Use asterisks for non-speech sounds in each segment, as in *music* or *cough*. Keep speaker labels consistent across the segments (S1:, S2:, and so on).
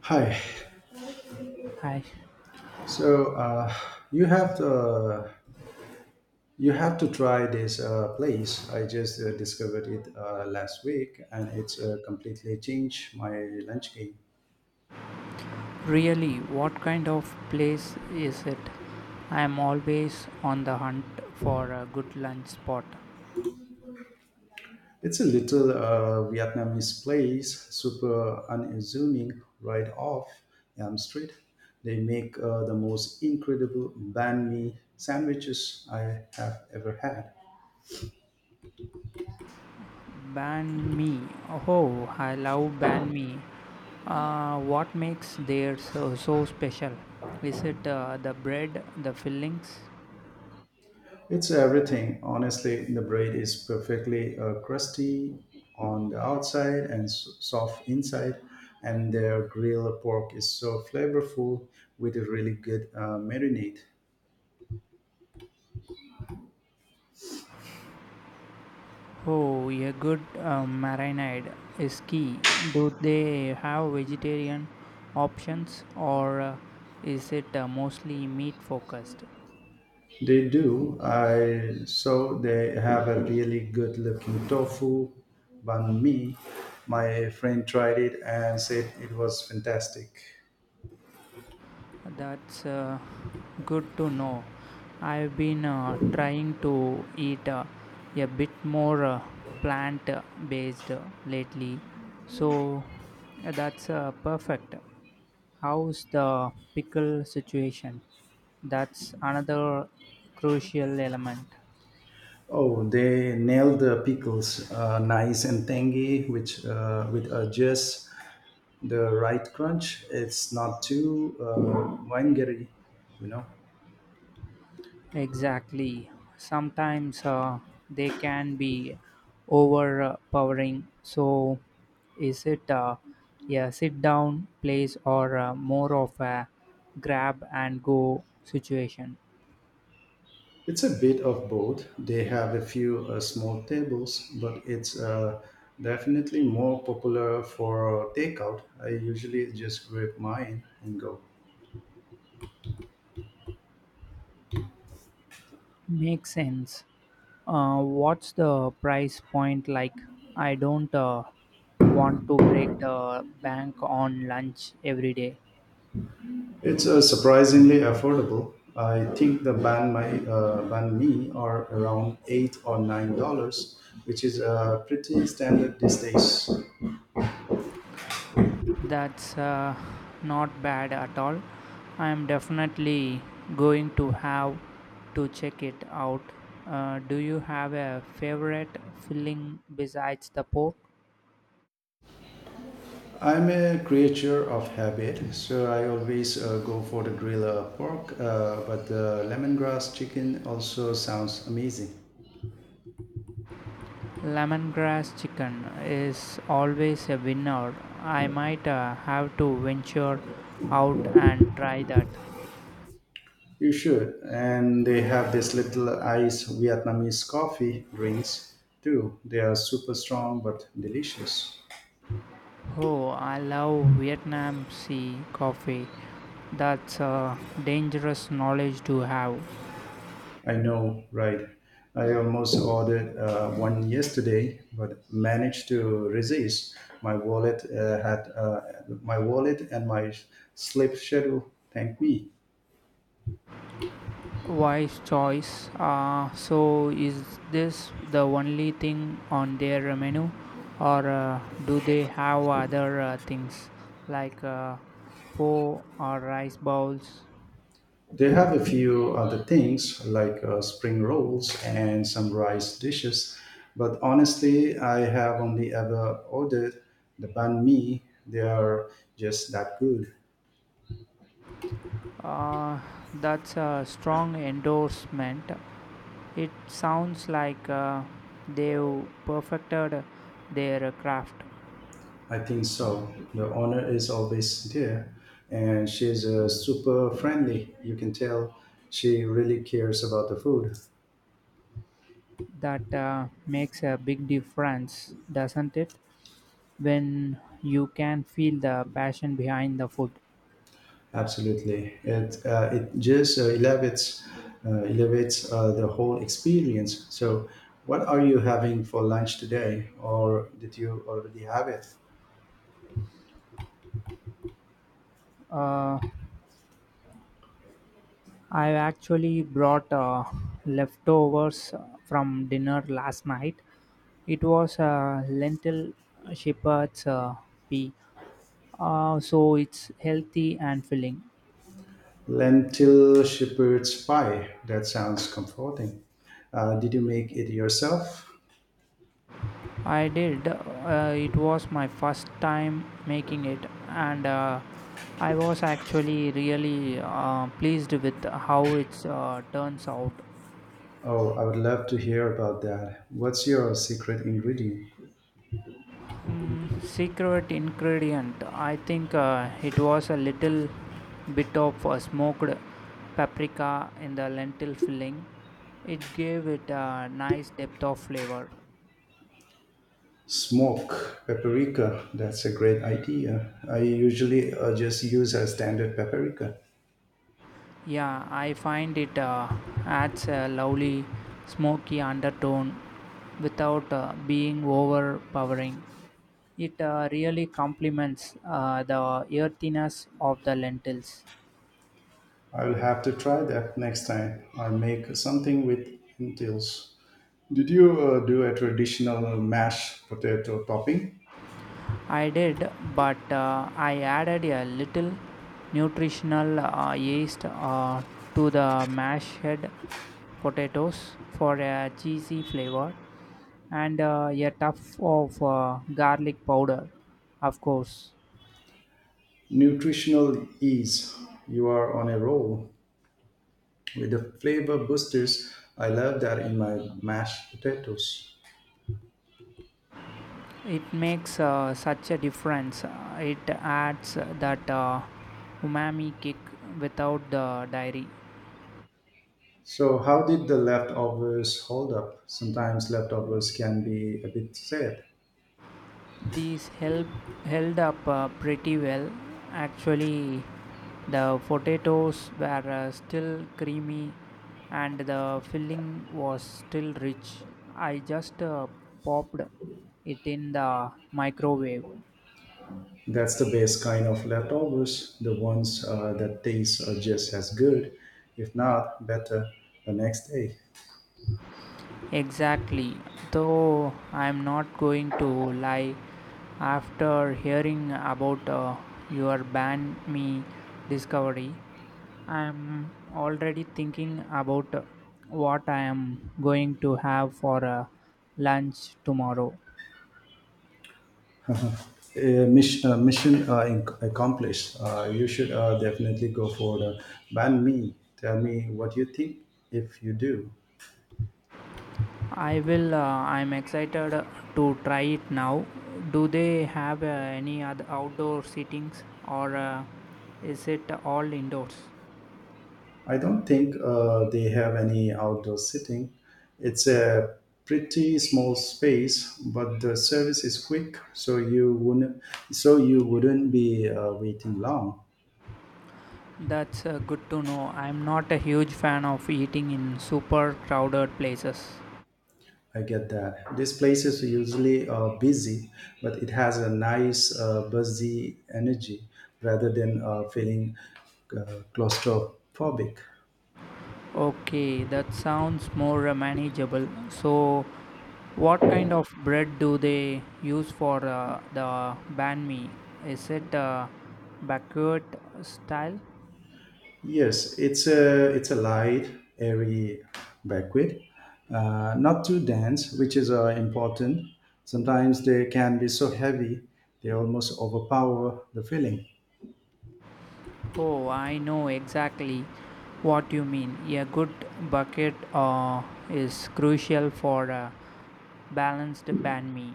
S1: Hi.
S2: Hi.
S1: So uh, you have to you have to try this place. I just discovered it last week, and it's completely changed my lunch game.
S2: Really, what kind of place is it? I am always on the hunt for a good lunch spot.
S1: It's a little Vietnamese place, super unassuming, right off Elm Street. They make the most incredible banh mi sandwiches I have ever had.
S2: Banh mi. Oh, I love banh mi. What makes theirs so, so special? Is it the bread, the fillings?
S1: It's everything. Honestly, the bread is perfectly crusty on the outside and soft inside, and their grilled pork is so flavorful with a really good marinade.
S2: Oh, a good marinade is key. Do they have vegetarian options or is it mostly meat focused?
S1: They do. I so they have a really good looking tofu banh mi. My friend tried it and said it was fantastic.
S2: That's good to know. I've been trying to eat a bit more plant based lately. So that's perfect. How's the pickle situation? That's another crucial element.
S1: Oh, they nailed the pickles, nice and tangy, which with just the right crunch. It's not too vinegary, you know.
S2: Exactly. Sometimes they can be overpowering. So, is it a sit down place or more of a grab and go situation?
S1: It's a bit of both. They have a few small tables, but it's definitely more popular for takeout. I usually just grab mine and go.
S2: Makes sense. What's the price point like? I don't want to break the bank on lunch every day.
S1: It's surprisingly affordable. I think the banh mi are around $8 or $9, which is pretty standard these days.
S2: That's not bad at all. I'm definitely going to have to check it out. Do you have a favorite filling besides the pork?
S1: I'm a creature of habit, so I always go for the grilled pork, but the lemongrass chicken also sounds amazing.
S2: Lemongrass chicken is always a winner. I might have to venture out and try that.
S1: You should, and they have this little ice Vietnamese coffee drinks too. They are super strong but delicious.
S2: Oh, I love Vietnam Sea coffee. That's a dangerous knowledge to have.
S1: I know, right? I almost ordered one yesterday, but managed to resist. My wallet uh, had uh, my wallet and my sleep schedule. Thank me.
S2: Wise choice. So, is this the only thing on their menu, or do they have other things like pho or rice bowls?
S1: They have a few other things like spring rolls and some rice dishes, but honestly, I have only ever ordered the banh mi. They are just that good.
S2: Uh, that's a strong endorsement. It sounds like they've perfected their craft.
S1: I think so. The owner is always there and she's super friendly. You can tell she really cares about the food.
S2: That makes a big difference, doesn't it? When you can feel the passion behind the food.
S1: Absolutely. It just elevates the whole experience. So, what are you having for lunch today? Or did you already have it?
S2: Uh, I actually brought leftovers from dinner last night. It was lentil shepherd's pea, so it's healthy and filling.
S1: Lentil shepherd's pie. That sounds comforting. Did you make it yourself?
S2: I did. It was my first time making it, and I was actually really pleased with how it's turns out.
S1: Oh, I would love to hear about that. What's your secret ingredient?
S2: Secret ingredient. I think it was a little bit of smoked paprika in the lentil filling. It gave it a nice depth of flavor.
S1: Smoke paprika. That's a great idea. I usually just use a standard paprika.
S2: Yeah, I find it adds a lovely smoky undertone without being overpowering. It really complements the earthiness of the lentils.
S1: I will have to try that next time I make something with lentils. Did you do a traditional mashed potato topping?
S2: I did, but I added a little nutritional yeast to the mashed potatoes for a cheesy flavor and a tuff of garlic powder, of course.
S1: Nutritional ease. You are on a roll with the flavor boosters. I love that in my mashed potatoes.
S2: It makes such a difference. It adds that umami kick without the dairy.
S1: So, how did the leftovers hold up? Sometimes leftovers can be a bit sad.
S2: These help held up pretty well actually. The potatoes were still creamy and the filling was still rich. I just uh, popped it in the microwave.
S1: That's the best kind of leftovers, the ones that taste are just as good, if not better, the next day.
S2: Exactly. Though I'm not going to lie, after hearing about your banh mi discovery, I am already thinking about what I am going to have for lunch tomorrow.
S1: Accomplished. You should definitely go for the banh mi. Tell me what you think if you do.
S2: I will. I am excited to try it now. Do they have any other outdoor sittings or is it all indoors?
S1: I don't think they have any outdoor seating. It's a pretty small space, but the service is quick, so you wouldn't be waiting long.
S2: That's good to know. I'm not a huge fan of eating in super crowded places.
S1: I get that. These places are usually busy, but it has a nice buzzy energy rather than feeling claustrophobic.
S2: Okay, that sounds more manageable. So, what kind of bread do they use for the banh mi? Is it baguette style?
S1: Yes, it's a light, airy banquet, not too dense, which is important. Sometimes they can be so heavy they almost overpower the feeling.
S2: Oh, I know exactly what you mean. A good bucket is crucial for a balanced banh mi.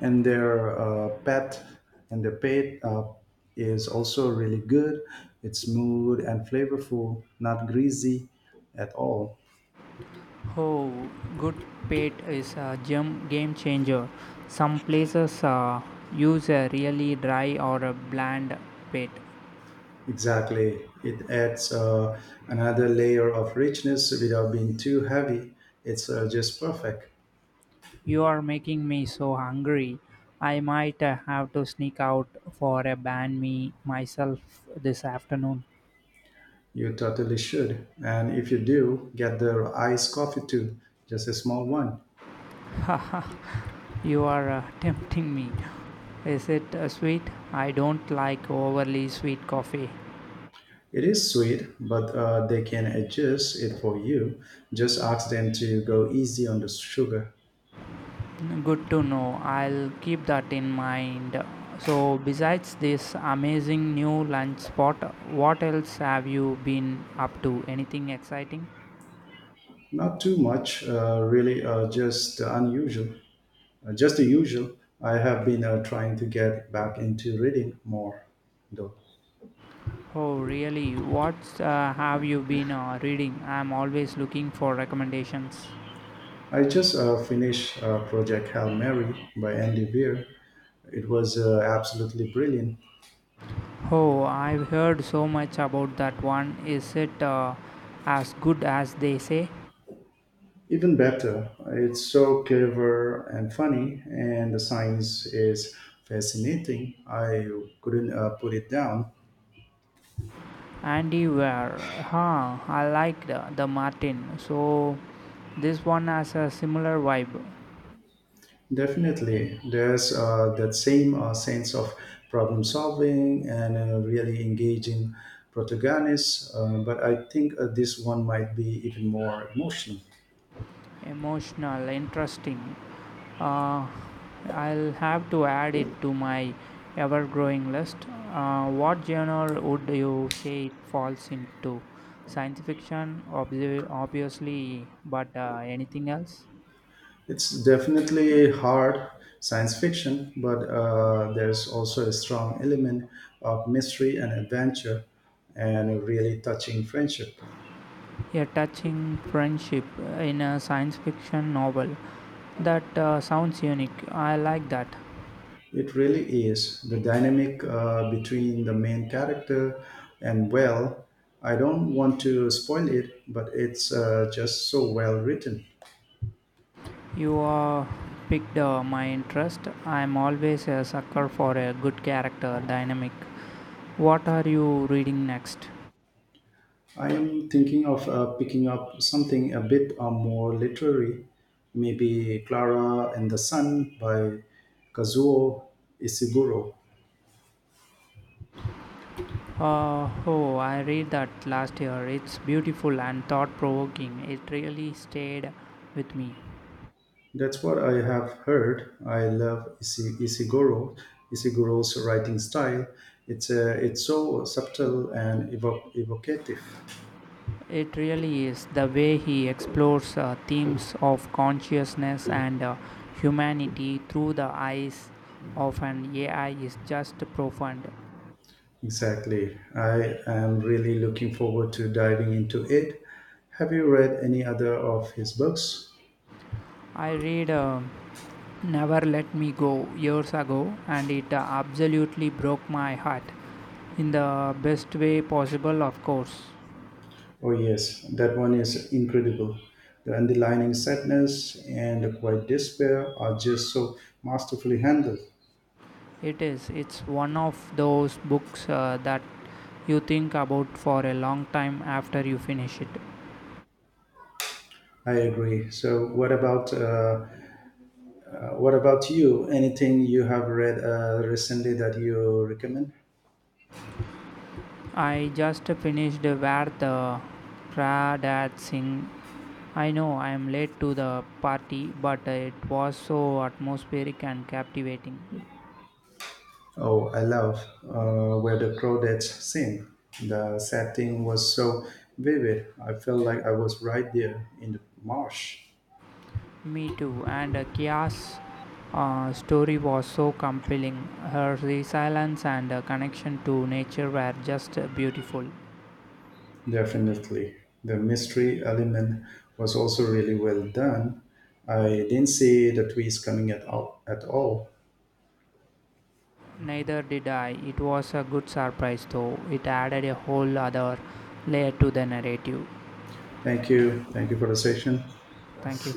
S1: And their uh, pet and their pet is also really good. It's smooth and flavorful, not greasy at all.
S2: Oh, good pet is a gem game changer. Some places use a really dry or a bland pet.
S1: Exactly, it adds another layer of richness without being too heavy. It's just perfect.
S2: You are making me so hungry. I might have to sneak out for a banh mi myself this afternoon.
S1: You totally should. And if you do, get their iced coffee too, just a small one.
S2: *laughs* Haha, you are tempting me. Is it sweet? I don't like overly sweet coffee.
S1: It is sweet, but they can adjust it for you. Just ask them to go easy on the sugar.
S2: Good to know. I'll keep that in mind. So, besides this amazing new lunch spot, what else have you been up to? Anything exciting?
S1: Not too much, really, just the unusual. Just the usual. I have been trying to get back into reading more, though.
S2: Oh, really? What have you been reading? I'm always looking for recommendations.
S1: I just finished Project Hail Mary by Andy Weir. It was absolutely brilliant.
S2: Oh, I've heard so much about that one. Is it as good as they say?
S1: Even better, it's so clever and funny, and the science is fascinating. I couldn't put it down.
S2: Andy Ware. Huh, I liked the Martin. So, this one has a similar vibe.
S1: Definitely, there's that same sense of problem solving and really engaging protagonists, but I think this one might be even more emotional.
S2: Emotional, interesting. uh, I'll have to add it to my ever growing list. What genre would you say it falls into? Science fiction, obviously, but anything else?
S1: It's definitely hard science fiction, but there's also a strong element of mystery and adventure and a really touching friendship.
S2: A touching friendship in a science fiction novel, that sounds unique. I like that.
S1: It really is. The dynamic between the main character and, well, I don't want to spoil it, but it's just so well written.
S2: You picked my interest. I'm always a sucker for a good character dynamic. What are you reading next?
S1: I am thinking of picking up something a bit more literary, maybe Clara and the Sun by Kazuo Isiguro.
S2: Oh, I read that last year. It's beautiful and thought provoking. It really stayed with me.
S1: That's what I have heard. I love Isiguro's writing style. It's so subtle and evocative.
S2: It really is. The way he explores themes of consciousness and humanity through the eyes of an AI is just profound.
S1: Exactly. I am really looking forward to diving into it. Have you read any other of his books?
S2: I read Never Let Me Go years ago and it absolutely broke my heart in the best way possible, of course.
S1: Oh, yes, that one is incredible. The underlying sadness and the quiet despair are just so masterfully handled.
S2: It is. It's one of those books that you think about for a long time after you finish it.
S1: I agree. So, what about you? Anything you have read recently that you recommend?
S2: I just finished Where the Crawdads Sing. I know I am late to the party, but it was so atmospheric and captivating.
S1: Oh, I love where the crawdads sing. The setting was so vivid. I felt like I was right there in the marsh.
S2: Me too. And Kia's story was so compelling. Her resilience and connection to nature were just beautiful.
S1: Definitely. The mystery element was also really well done. I didn't see the twist coming at all. At all.
S2: Neither did I. It was a good surprise, though. It added a whole other layer to the narrative.
S1: Thank you. Thank you for the session.
S2: Thank you.